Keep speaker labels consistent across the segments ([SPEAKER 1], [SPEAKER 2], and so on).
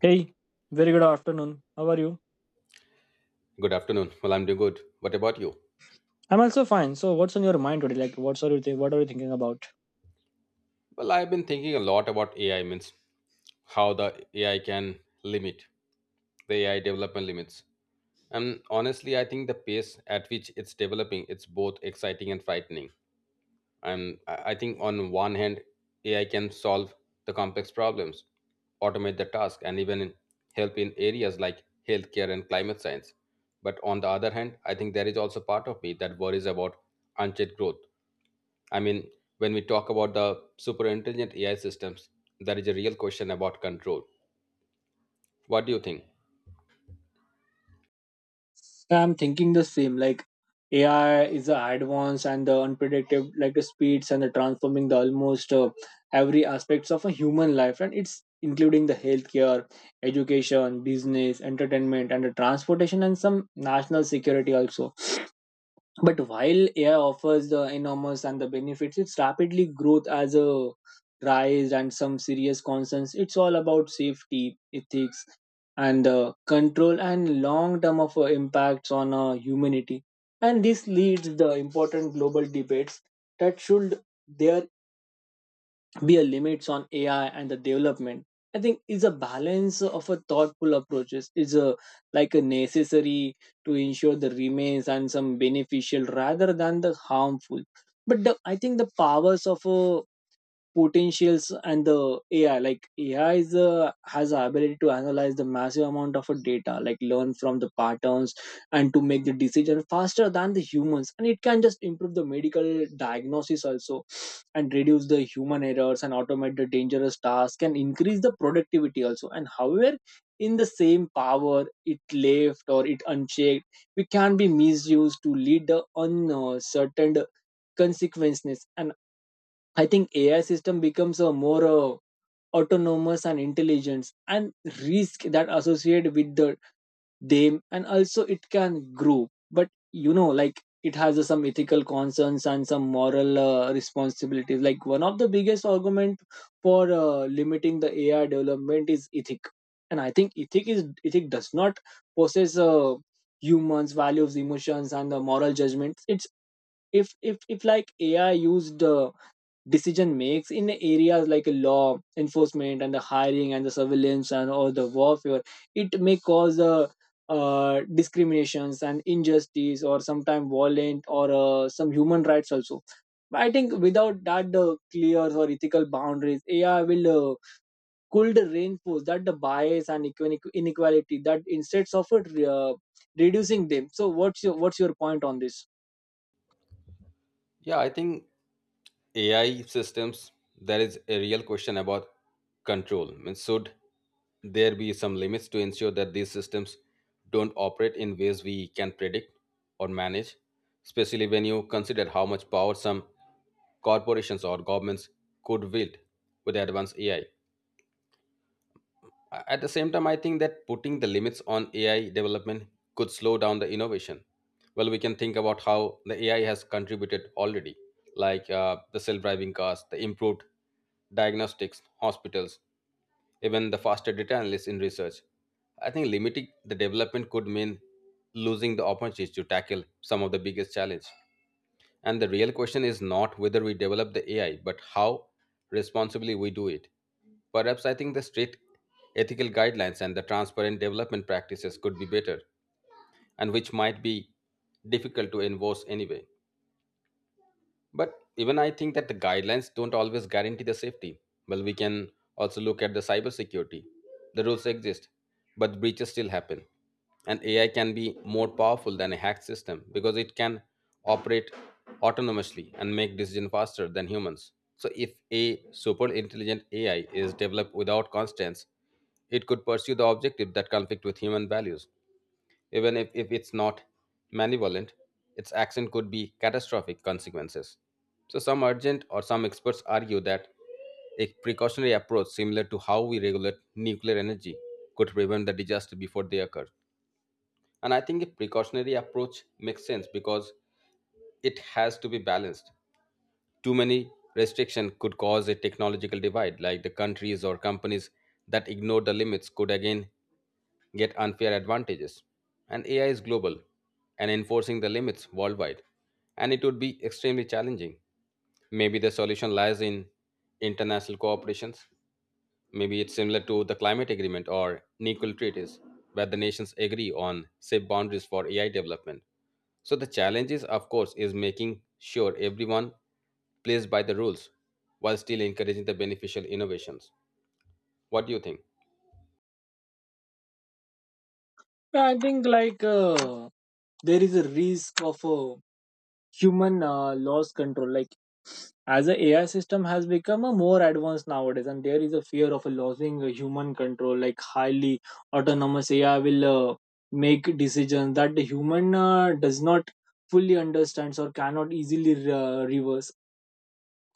[SPEAKER 1] Hey, very good afternoon. How are you?
[SPEAKER 2] Good afternoon. Well, I'm doing good. What about you?
[SPEAKER 1] I'm also fine. So, what's on your mind today? Like, what are you thinking about?
[SPEAKER 2] Well, I've been thinking a lot about AI means how the AI can limit the AI development limits. And honestly, I think the pace at which it's developing, it's both exciting and frightening. And I think on one hand, AI can solve the complex problems, automate the task, and even help in areas like healthcare and climate science. But on the other hand, I think there is also part of me that worries about unchecked growth. I mean, when we talk about the super intelligent AI systems, there is a real question about control. What do you think?
[SPEAKER 1] I'm thinking the same. Like AI is the advance and the unpredictable, like the speeds and the transforming the almost every aspects of a human life, and it's including the healthcare, education, business, entertainment, and the transportation, and some national security also. But while AI offers the enormous and the benefits, its rapidly growth as a rise and some serious concerns. It's all about safety, ethics, and control and long term of impacts on humanity. And this leads the important global debates that should their be a limits on AI and the development. I think is a balance of a thoughtful approaches is a like a necessary to ensure the remains and some beneficial rather than the harmful. But I think the powers of a potentials and the AI. Like AI is has the ability to analyze the massive amount of data, like learn from the patterns and to make the decision faster than the humans. And it can just improve the medical diagnosis also, and reduce the human errors and automate the dangerous tasks and increase the productivity also. And however, in the same power it left or it unchecked, we can be misused to lead the uncertain consequences, and I think AI system becomes a more autonomous and intelligence and risk that associated with the them and also it can grow. But like it has some ethical concerns and some moral responsibilities. Like one of the biggest argument for limiting the AI development is ethic, and I think ethic does not possess humans values, emotions, and the moral judgments. It's if like AI used decision makes in areas like law enforcement and the hiring and the surveillance and all the warfare, it may cause discriminations and injustice or sometimes violent or some human rights also. But I think without that clear or ethical boundaries, AI will could reinforce that the bias and inequality, that instead of it uh, reducing them. So what's your point on this?
[SPEAKER 2] Yeah, I think AI systems, there is a real question about control. I mean, should there be some limits to ensure that these systems don't operate in ways we can predict or manage, especially when you consider how much power some corporations or governments could wield with advanced AI? At the same time, I think that putting the limits on AI development could slow down the innovation. Well, we can think about how the AI has contributed already, like the self driving cars, the improved diagnostics, hospitals, even the faster data analysis in research. I think limiting the development could mean losing the opportunity to tackle some of the biggest challenge. And the real question is not whether we develop the AI, but how responsibly we do it. Perhaps I think the strict ethical guidelines and the transparent development practices could be better, and which might be difficult to enforce anyway. But even I think that the guidelines don't always guarantee the safety. Well, we can also look at the cybersecurity. The rules exist, but breaches still happen. And AI can be more powerful than a hacked system because it can operate autonomously and make decisions faster than humans. So if a super intelligent AI is developed without constraints, it could pursue the objective that conflict with human values. Even if it's not malevolent, its action could be catastrophic consequences. So, some urgent or some experts argue that a precautionary approach similar to how we regulate nuclear energy could prevent the disaster before they occur. And I think a precautionary approach makes sense because it has to be balanced. Too many restriction could cause a technological divide, like the countries or companies that ignore the limits could again get unfair advantages. And AI is global and enforcing the limits worldwide, and it would be extremely challenging. Maybe the solution lies in international cooperations. Maybe it's similar to the climate agreement or NECL treaties, where the nations agree on safe boundaries for AI development. So the challenge is, of course, is making sure everyone plays by the rules while still encouraging the beneficial innovations. What do you think?
[SPEAKER 1] I think like there is a risk of human lost control, like as a AI system has become a more advanced nowadays, and there is a fear of a losing a human control, like highly autonomous AI will make decisions that the human does not fully understands or cannot easily reverse.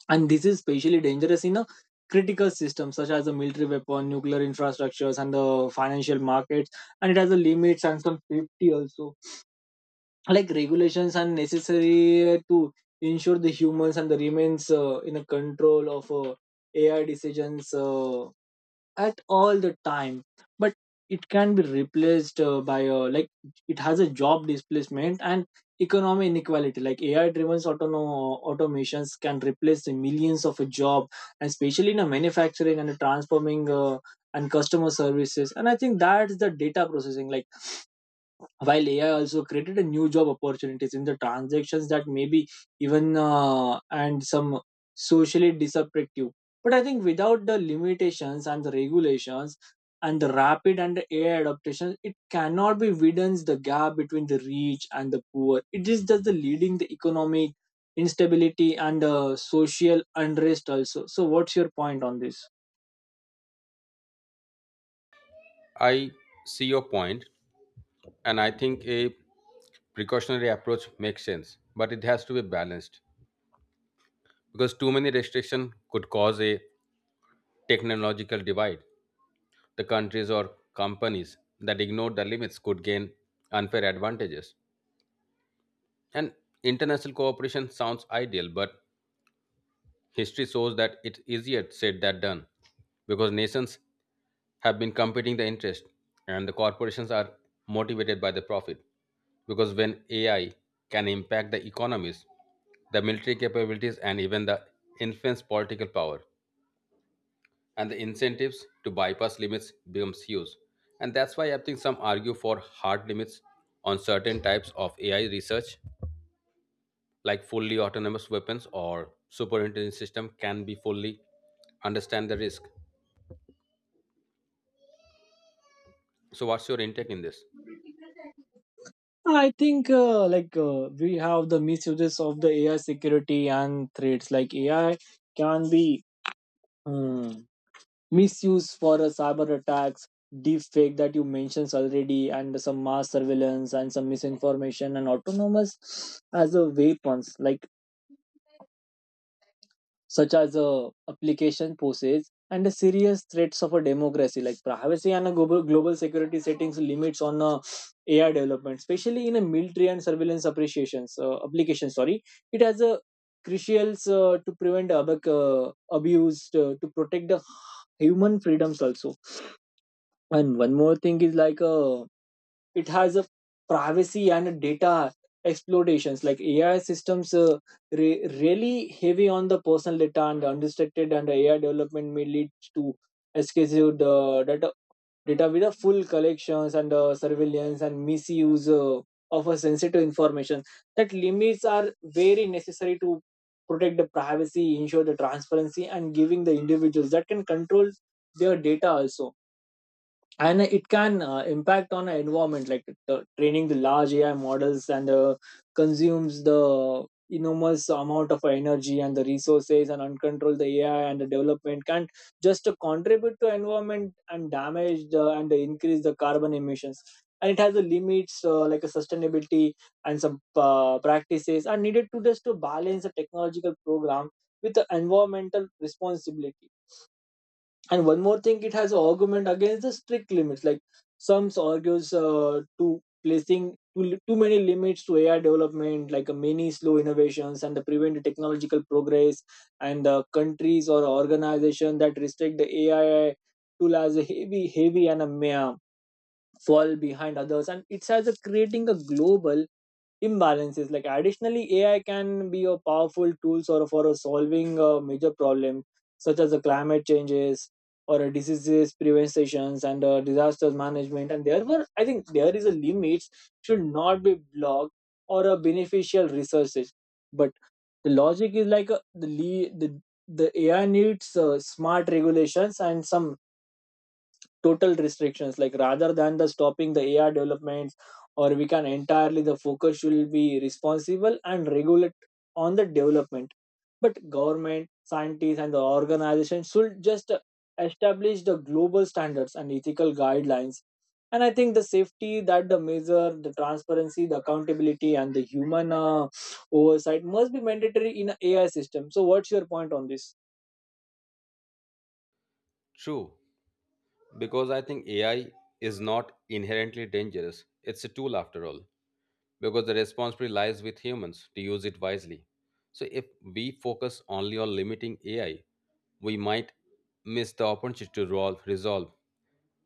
[SPEAKER 1] And this is especially dangerous in a critical system such as the military weapon nuclear infrastructures and the financial markets. And it has a limits and some safety also, like regulations are necessary to ensure the humans and the remains in a control of AI decisions at all the time. But it can be replaced by like it has a job displacement and economic inequality, like AI driven autonomous automations can replace the millions of a job, and especially in a manufacturing and a transforming and customer services and I think that's the data processing, like while AI also created a new job opportunities in the transactions that maybe even and some socially disruptive. But I think without the limitations and the regulations and the rapid and the AI adaptation, it cannot be widens the gap between the rich and the poor. It is just the leading the economic instability and social unrest also. So, what's your point on this?
[SPEAKER 2] I see your point, and I think a precautionary approach makes sense, but it has to be balanced because too many restrictions could cause a technological divide. The countries or companies that ignore the limits could gain unfair advantages. And international cooperation sounds ideal, but history shows that it's easier said than done because nations have been competing the interest and the corporations are motivated by the profit because when AI can impact the economies, the military capabilities and even the influence political power and the incentives to bypass limits becomes huge. And that's why I think some argue for hard limits on certain types of AI research like fully autonomous weapons or super system can be fully understand the risk. So what's your intake in this?
[SPEAKER 1] I think like we have the misuses of the AI security and threats. Like AI can be um, misused for a cyber attacks, deepfake that you mentioned already, and some mass surveillance and some misinformation and autonomous as a weapons. Like such as application poses and the serious threats of a democracy, like privacy and a global security settings limits on AI development, especially in a military and surveillance appreciations application. Sorry, it has a crucial to prevent abuse to protect the human freedoms also. And one more thing is like it has a privacy and a data exploitations, like AI systems really heavy on the personal data and unrestricted, and AI development may lead to excessive data with the full collections and surveillance and misuse of a sensitive information, that limits are very necessary to protect the privacy, ensure the transparency, and giving the individuals that can control their data also. And it can impact on our environment, like training the large AI models and consumes the enormous amount of energy and the resources, and uncontrolled the AI and the development can just to contribute to environment and damage and increase the carbon emissions. And it has a limits like a sustainability and some practices are needed to just to balance the technological program with the environmental responsibility. And one more thing, it has an argument against the strict limits. Like some argues to placing too many limits to AI development, like many slow innovations and the prevent the technological progress. And the countries or organizations that restrict the AI tool as a heavy and a mere fall behind others. And it's as a creating a global imbalances, like additionally AI can be a powerful tool sort of for solving a major problem such as the climate changes or a diseases preventions and disasters management. And therefore I think there is a limit should not be blocked or a beneficial resources. But the logic is like the, le- the AI needs smart regulations and some total restrictions, like rather than the stopping the AI developments, or we can entirely the focus will be responsible and regulate on the development. But government scientists and the organization should just establish the global standards and ethical guidelines. And I think the safety that the measure, the transparency, the accountability, and the human oversight must be mandatory in a AI system. So what's your point on this?
[SPEAKER 2] True. Because I think AI is not inherently dangerous. It's a tool after all, because the responsibility lies with humans to use it wisely. So if we focus only on limiting AI, we might miss the opportunity to resolve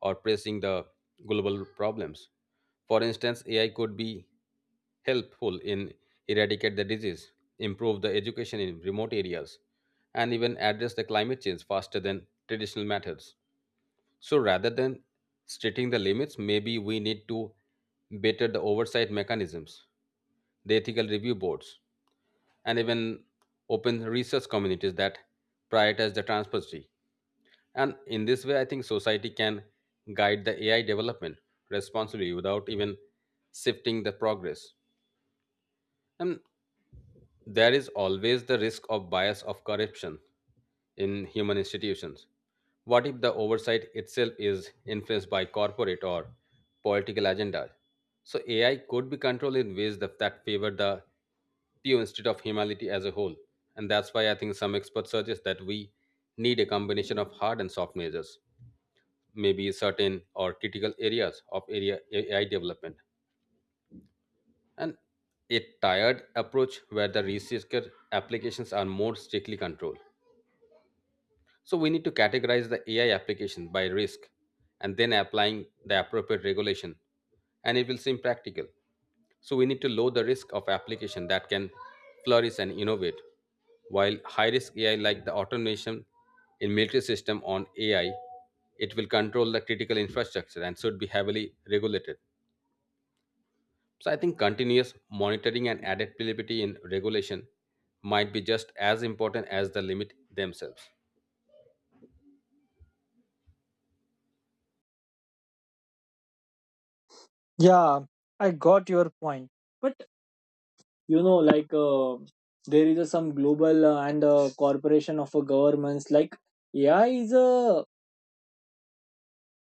[SPEAKER 2] or pressing the global problems. For instance, AI could be helpful in eradicate the disease, improve the education in remote areas, and even address the climate change faster than traditional methods. So rather than stating the limits, maybe we need to better the oversight mechanisms, the ethical review boards, and even open research communities that prioritize the transparency. And in this way, I think society can guide the AI development responsibly without even shifting the progress. And there is always the risk of bias of corruption in human institutions. What if the oversight itself is influenced by corporate or political agendas? So AI could be controlled in ways that favor the pure instead of humanity as a whole. And that's why I think some experts suggest that we need a combination of hard and soft measures, maybe certain or critical areas of area AI development and a tired approach where the researcher applications are more strictly controlled. So we need to categorize the AI application by risk and then applying the appropriate regulation and it will seem practical. So we need to lower the risk of application that can flourish and innovate while high risk AI like the automation in military system on AI it will control the critical infrastructure and should be heavily regulated. So I think continuous monitoring and adaptability in regulation might be just as important as the limit themselves.
[SPEAKER 1] Yeah, I got your point. But like there is a some global and corporation of governments, like AI is a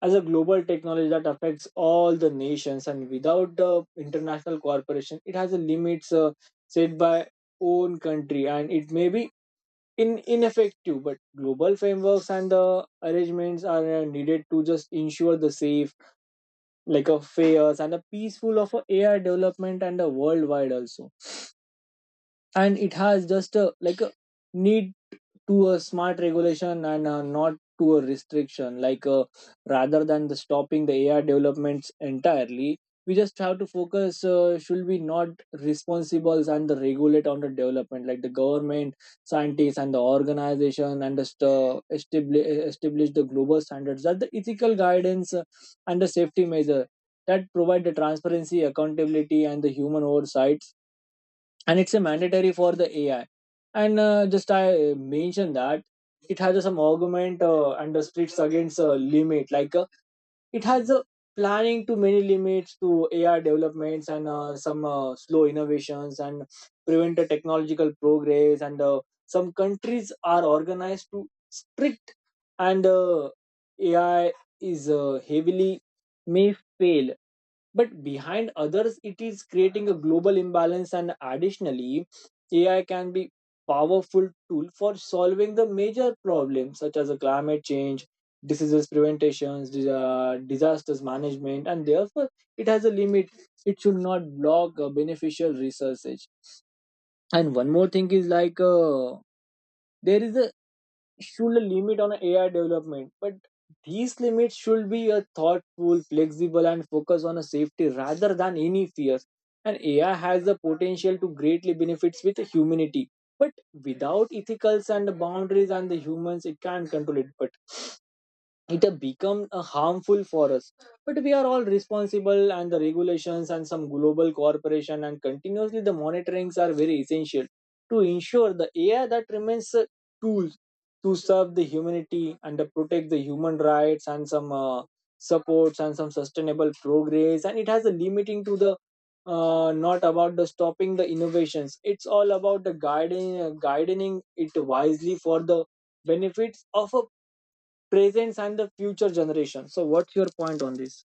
[SPEAKER 1] as a global technology that affects all the nations, and without the international corporation, it has a limits set by own country, and it may be in ineffective. But global frameworks and the arrangements are needed to just ensure the safe, like a fair and a peaceful of a AI development and a worldwide also. And it has just a like a need to a smart regulation and not to a restriction, like rather than the stopping the AI developments entirely, we just have to focus should we not responsibles and the regulate on the development, like the government scientists and the organization, and just establish the global standards that the ethical guidance and the safety measure that provide the transparency, accountability, and the human oversight. And it's a mandatory for the AI. And just I mentioned that it has some argument and the splits against limit, like it has a planning to many limits to AI developments and some slow innovations and prevent the technological progress. And some countries are organized to strict, and AI is heavily may fail but behind others, it is creating a global imbalance. And additionally AI can be powerful tool for solving the major problems such as the climate change, diseases preventations, disasters management. And therefore it has a limit it should not block beneficial research. And one more thing is like there is a should a limit on AI development, but these limits should be a thoughtful, flexible, and focus on a safety rather than any fears. And AI has the potential to greatly benefits with humanity, but without ethicals and boundaries and the humans, it can't control it. But it have become harmful for us, but we are all responsible and the regulations and some global cooperation and continuously the monitorings are very essential to ensure the AI that remains tools to serve the humanity and protect the human rights and some supports and some sustainable progress. And it has a limiting to the not about the stopping the innovations, it's all about the guiding it wisely for the benefits of a presence and the future generation. So, what's your point on this?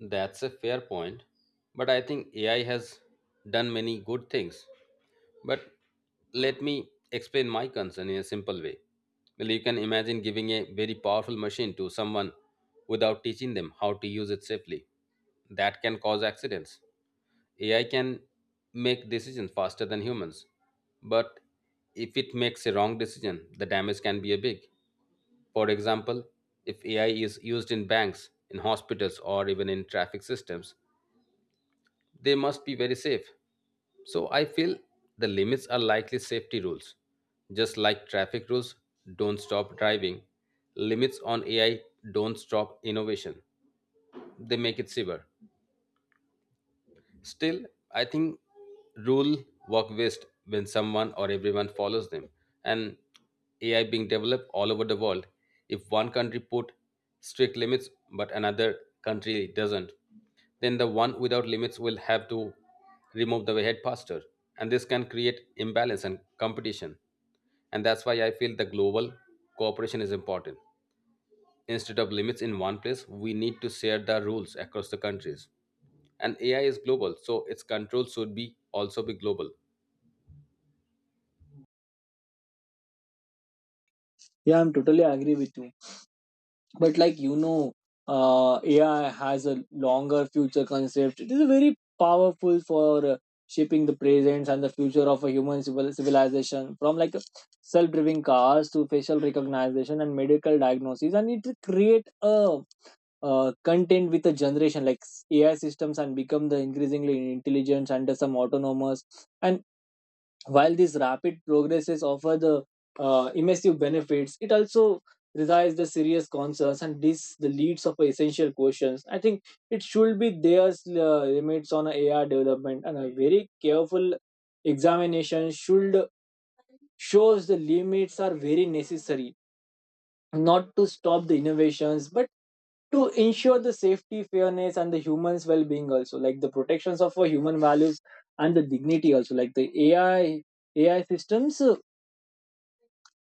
[SPEAKER 2] That's a fair point, but I think AI has done many good things. But let me explain my concern in a simple way. Well, you can imagine giving a very powerful machine to someone without teaching them how to use it safely. That can cause accidents. AI can make decisions faster than humans, but if it makes a wrong decision, the damage can be a big. For example, if AI is used in banks, in hospitals, or even in traffic systems, they must be very safe. So I feel the limits are likely safety rules. Just like traffic rules don't stop driving, limits on AI don't stop innovation. They make it safer. Still, I think rule work best when someone or everyone follows them. And AI being developed all over the world, if one country put strict limits but another country doesn't, then the one without limits will have to remove the head pasture. And this can create imbalance and competition. And that's why I feel the global cooperation is important. Instead of limits in one place, we need to share the rules across the countries. And AI is global, so its control should be also be global.
[SPEAKER 1] Yeah, I'm totally agree with you. But like AI has a longer future concept. It is very powerful for shaping the presence and the future of a human civilization. From like self-driving cars to facial recognition and medical diagnosis, and it create a content with a generation like AI systems and become the increasingly intelligent and some autonomous and while these rapid progresses offer the immersive benefits, it also resides the serious concerns and this the leads of essential questions. I think it should be there's limits on AR development and a very careful examination should shows the limits are very necessary, not to stop the innovations but to ensure the safety, fairness, and the humans' well-being also, like the protections of our human values and the dignity also, like the AI systems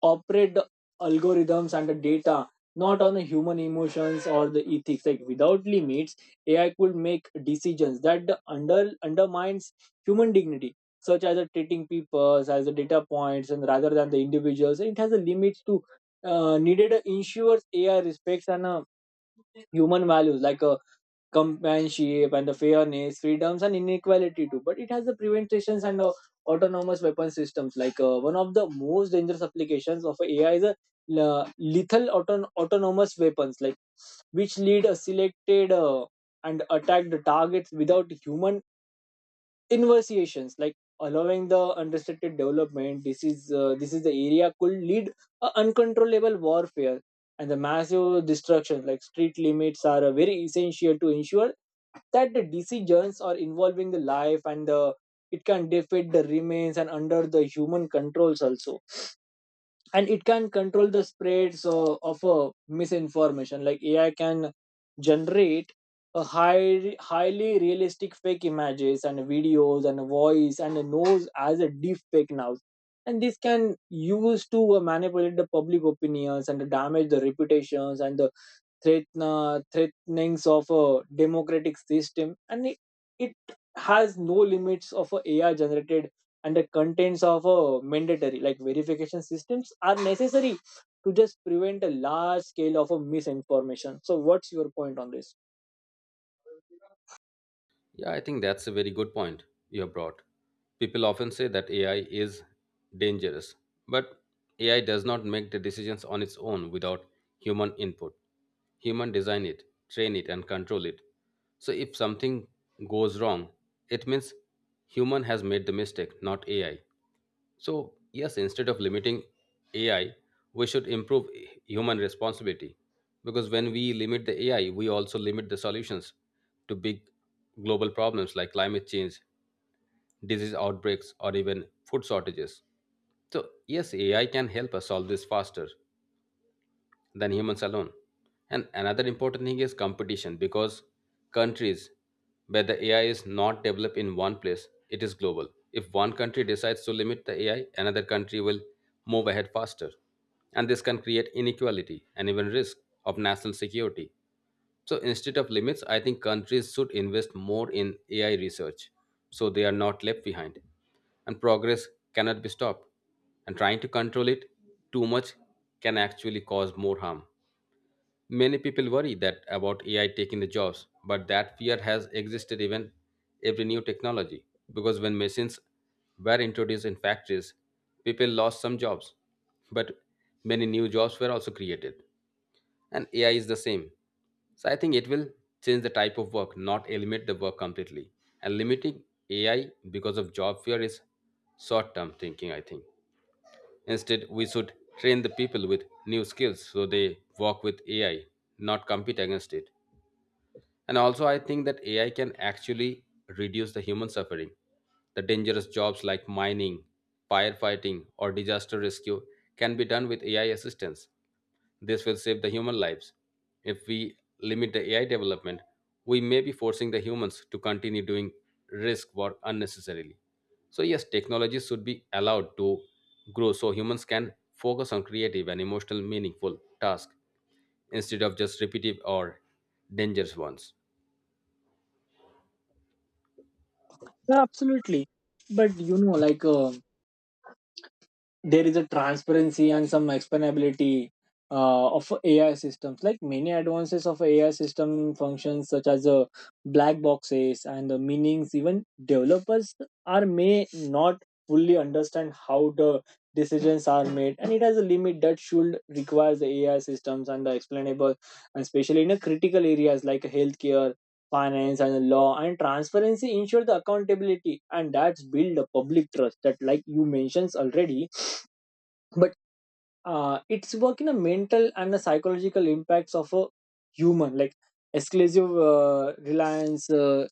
[SPEAKER 1] operate the algorithms and the data, not on the human emotions or the ethics like without limits ai could make decisions that the undermines human dignity, such as the treating people as the data points and rather than the individuals. It has a limits to, needed ensures ai respects and human values like companionship and the fairness, freedoms, and inequality too. But it has the preventations and autonomous weapon systems. Like one of the most dangerous applications of AI is a autonomous weapons, like which lead a selected and attack the targets without human inversions, like allowing the unrestricted development. This is the area could lead a uncontrollable warfare and the massive destruction, like street limits are very essential to ensure that the decisions are involving the life and the it can defeat the remains and under the human controls also. And it can control the spreads of misinformation, like ai can generate a highly realistic fake images and videos and voice and a nose as a deep fake now, and this can use to manipulate the public opinions and damage the reputations and the threatenings of a democratic system, and it has no limits of a ai generated and the contents of a mandatory like verification systems are necessary to just prevent a large scale of a misinformation. So what's your point on this?
[SPEAKER 2] Yeah, I think that's a very good point you have brought. People often say that AI is dangerous, but AI does not make the decisions on its own without human input. Human design it, train it, and control it. So if something goes wrong, it means human has made the mistake, not AI. So, yes, instead of limiting AI, we should improve human responsibility. Because when we limit the AI, we also limit the solutions to big global problems like climate change, disease outbreaks, or even food shortages. So, yes, AI can help us solve this faster, than humans alone. And another important thing is competition because countries where the AI is not developed in one place, it is global. If one country decides to limit the AI, another country will move ahead faster. And this can create inequality and even risk of national security. So instead of limits, I think countries should invest more in AI research so they are not left behind. And progress cannot be stopped. And trying to control it too much can actually cause more harm. Many people worry that about AI taking the jobs, but that fear has existed even every new technology. Because when machines were introduced in factories, people lost some jobs, but many new jobs were also created. And AI is the same. So I think it will change the type of work, not eliminate the work completely. And limiting AI because of job fear is short term thinking, I think. Instead, we should train the people with new skills so they work with AI, not compete against it. And also, I think that AI can actually reduce the human suffering. The dangerous jobs like mining, firefighting, or disaster rescue can be done with AI assistance. This will save the human lives. If we limit the AI development, we may be forcing the humans to continue doing risk work unnecessarily. So, yes, technology should be allowed to grow so humans can focus on creative and emotional meaningful tasks instead of just repetitive or dangerous ones.
[SPEAKER 1] Yeah, absolutely. But you know, like there is a transparency and some explainability of AI systems. Like many advances of AI system functions, such as black boxes and the meanings, even developers are may not fully understand how the decisions are made, and it has a limit that should requires the AI systems and the explainable, and especially in the critical areas like healthcare. Finance and the law and transparency ensure the accountability, and that's build a public trust that, like you mentioned already, but it's work in a mental and the psychological impacts of a human, like exclusive reliance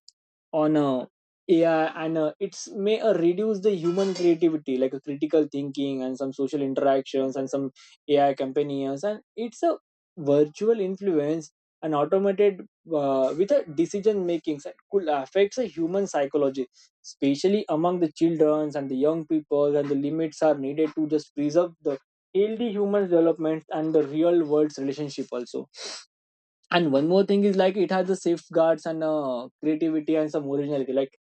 [SPEAKER 1] on ai, and it's may reduce the human creativity like a critical thinking and some social interactions and some ai companions, and it's a virtual influence and automated with a decision making that could affect the human psychology, especially among the children and the young people, and the limits are needed to just preserve the heal human development and the real world's relationship also. And one more thing is like it has the safeguards and creativity and some originality, like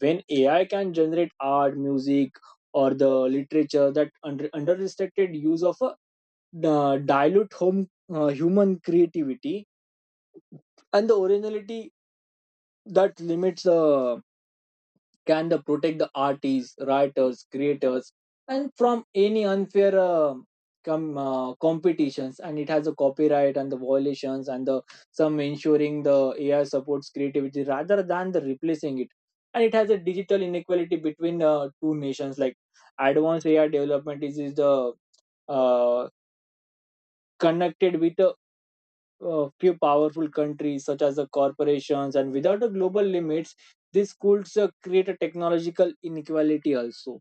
[SPEAKER 1] when ai can generate art music or the literature that under restricted use of a dilute home human creativity and the originality, that limits the can the protect the artists writers creators and from any unfair competitions, and it has a copyright and the violations and the some ensuring the ai supports creativity rather than the replacing it. And it has a digital inequality between two nations, like advanced ai development is the uh, connected with the a few powerful countries such as the corporations, and without the global limits this could create a technological inequality also,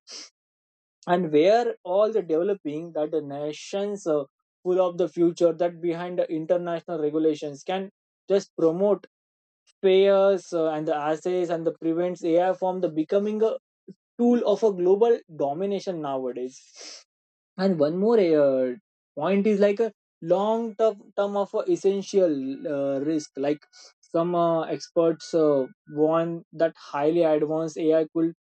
[SPEAKER 1] and where all the developing that the nations full of the future that behind the international regulations can just promote payers and the assets and the prevents ai from the becoming a tool of a global domination nowadays. And one more point is like a long term of essential risk. Like some experts warn that highly advanced AI could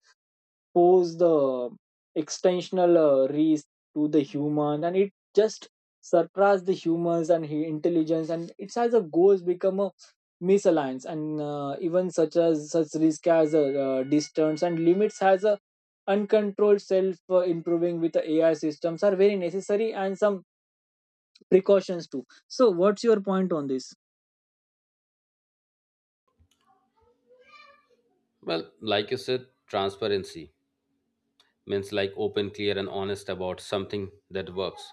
[SPEAKER 1] pose the extensional reach to the human, and it just surpassed the humans and intelligence, and it as a goals become a misalliance and even such risk as a distance, and limits has a uncontrolled self improving with the ai systems are very necessary, and some precautions too. So what's your point on this?
[SPEAKER 2] Well, like you said, transparency means like open, clear, and honest about something that works.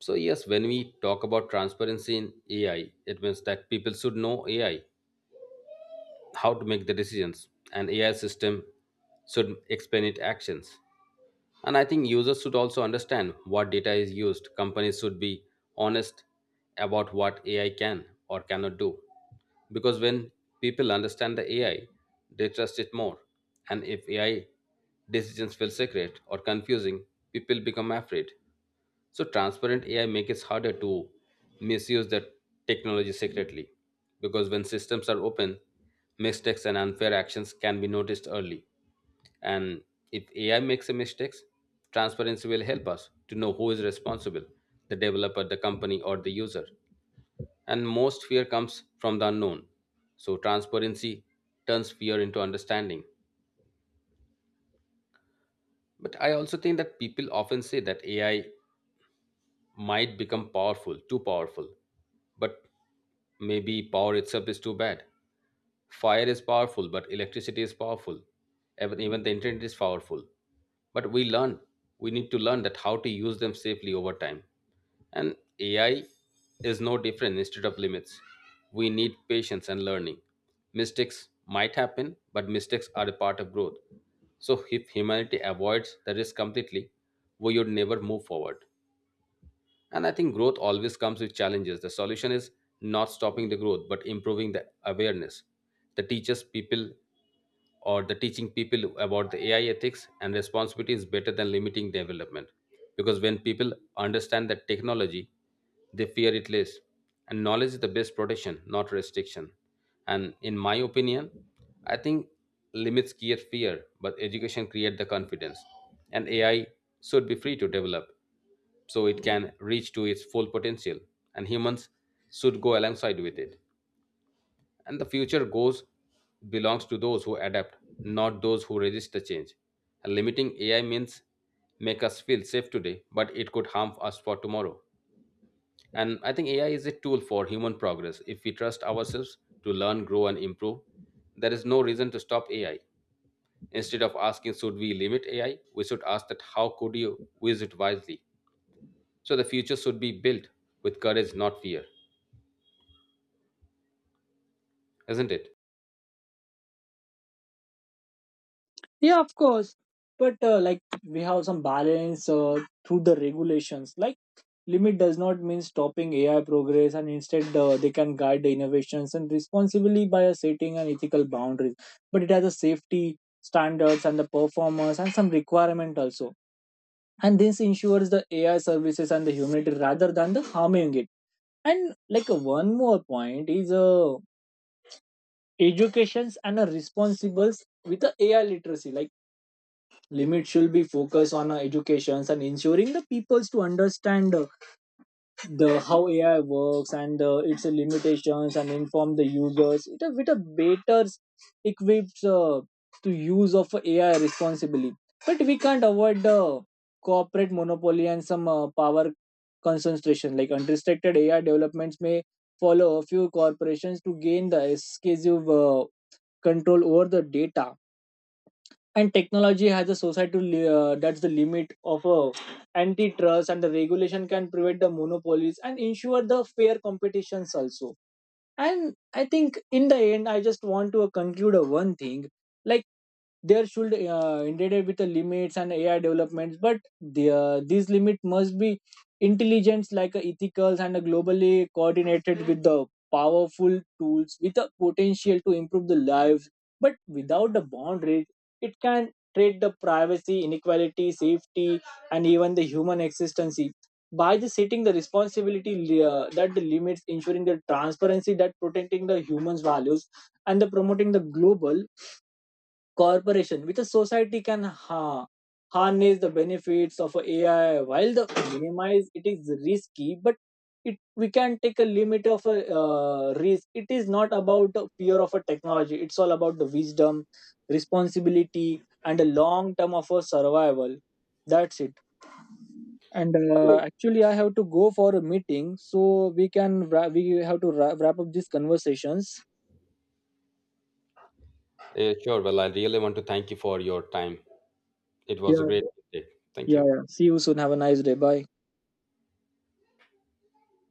[SPEAKER 2] So, yes, when we talk about transparency in AI, it means that people should know AI, how to make the decisions, and AI system should explain its actions. And I think users should also understand what data is used. Companies should be honest about what AI can or cannot do. Because when people understand the AI, they trust it more. And if AI decisions feel secret or confusing, people become afraid. So transparent AI makes it harder to misuse the technology secretly because when systems are open, mistakes and unfair actions can be noticed early. And if AI makes a mistakes, transparency will help us to know who is responsible, the developer, the company, or the user. And most fear comes from the unknown. So transparency turns fear into understanding. But I also think that people often say that AI might become powerful, too powerful. But maybe power itself is too bad. Fire is powerful, but electricity is powerful. Even the internet is powerful. But we need to learn that how to use them safely over time. And AI is no different instead of limits. We need patience and learning. Mistakes might happen, but mistakes are a part of growth. So if humanity avoids the risk completely, we would never move forward. And I think growth always comes with challenges. The solution is not stopping the growth, but improving the awareness. The teachers, people, or the teaching people about the AI ethics and responsibility is better than limiting development. Because when people understand that technology, they fear it less. And knowledge is the best protection, not restriction. And in my opinion, I think limits create fear, but education create the confidence. And AI should be free to develop so it can reach to its full potential and humans should go alongside with it and the future goes belongs to those who adapt, not those who resist the change. And limiting AI means make us feel safe today but it could harm us for tomorrow. And I think AI is a tool for human progress. If we trust ourselves to learn, grow and improve, there is no reason to stop AI. Instead of asking should we limit AI, we should ask that how could you use it wisely. So the future should be built with courage, not fear, isn't it?
[SPEAKER 1] Yeah, of course. But like we have some balance through the regulations, like limit does not mean stopping AI progress, and instead they can guide the innovations and responsibly by setting an ethical boundaries. But it has a safety standards and the performance and some requirement also. And this ensures the AI services and the humanity rather than the harming it. And like one more point is educations and responsibles with the AI literacy. Like limits should be focused on educations and ensuring the peoples to understand. The how AI works and its limitations and inform the users it, a, with a better equipped to use of AI responsibly. But we can't avoid the corporate monopoly and some power concentration. Like unrestricted AI developments may follow a few corporations to gain the exclusive control over the data and technology has a societal that's the limit of a antitrust, and the regulation can prevent the monopolies and ensure the fair competitions also. And I think in the end I just want to conclude a one thing, like there should intended with the limits and ai developments but these limit must be intelligence, like a ethical and a globally coordinated with the powerful tools with the potential to improve the lives, but without the boundaries it can trade the privacy inequality safety and even the human existence, by the setting the responsibility that the limits ensuring the transparency that protecting the human's values and the promoting the global cooperation with a society can harness the benefits of a ai while the minimize it is risky, but it we can take a limit of a risk. It is not about the fear of a technology, it's all about the wisdom responsibility and a long term of a survival. That's it. And
[SPEAKER 2] Sure.
[SPEAKER 1] actually I have to go for a meeting, so we can wra- we have to wra- wrap up these conversations.
[SPEAKER 2] Yeah, sure. Well, I really want to thank you for your time. It
[SPEAKER 1] yeah
[SPEAKER 2] was a great day. Thank you.
[SPEAKER 1] yeah, see you soon. Have a nice day. Bye.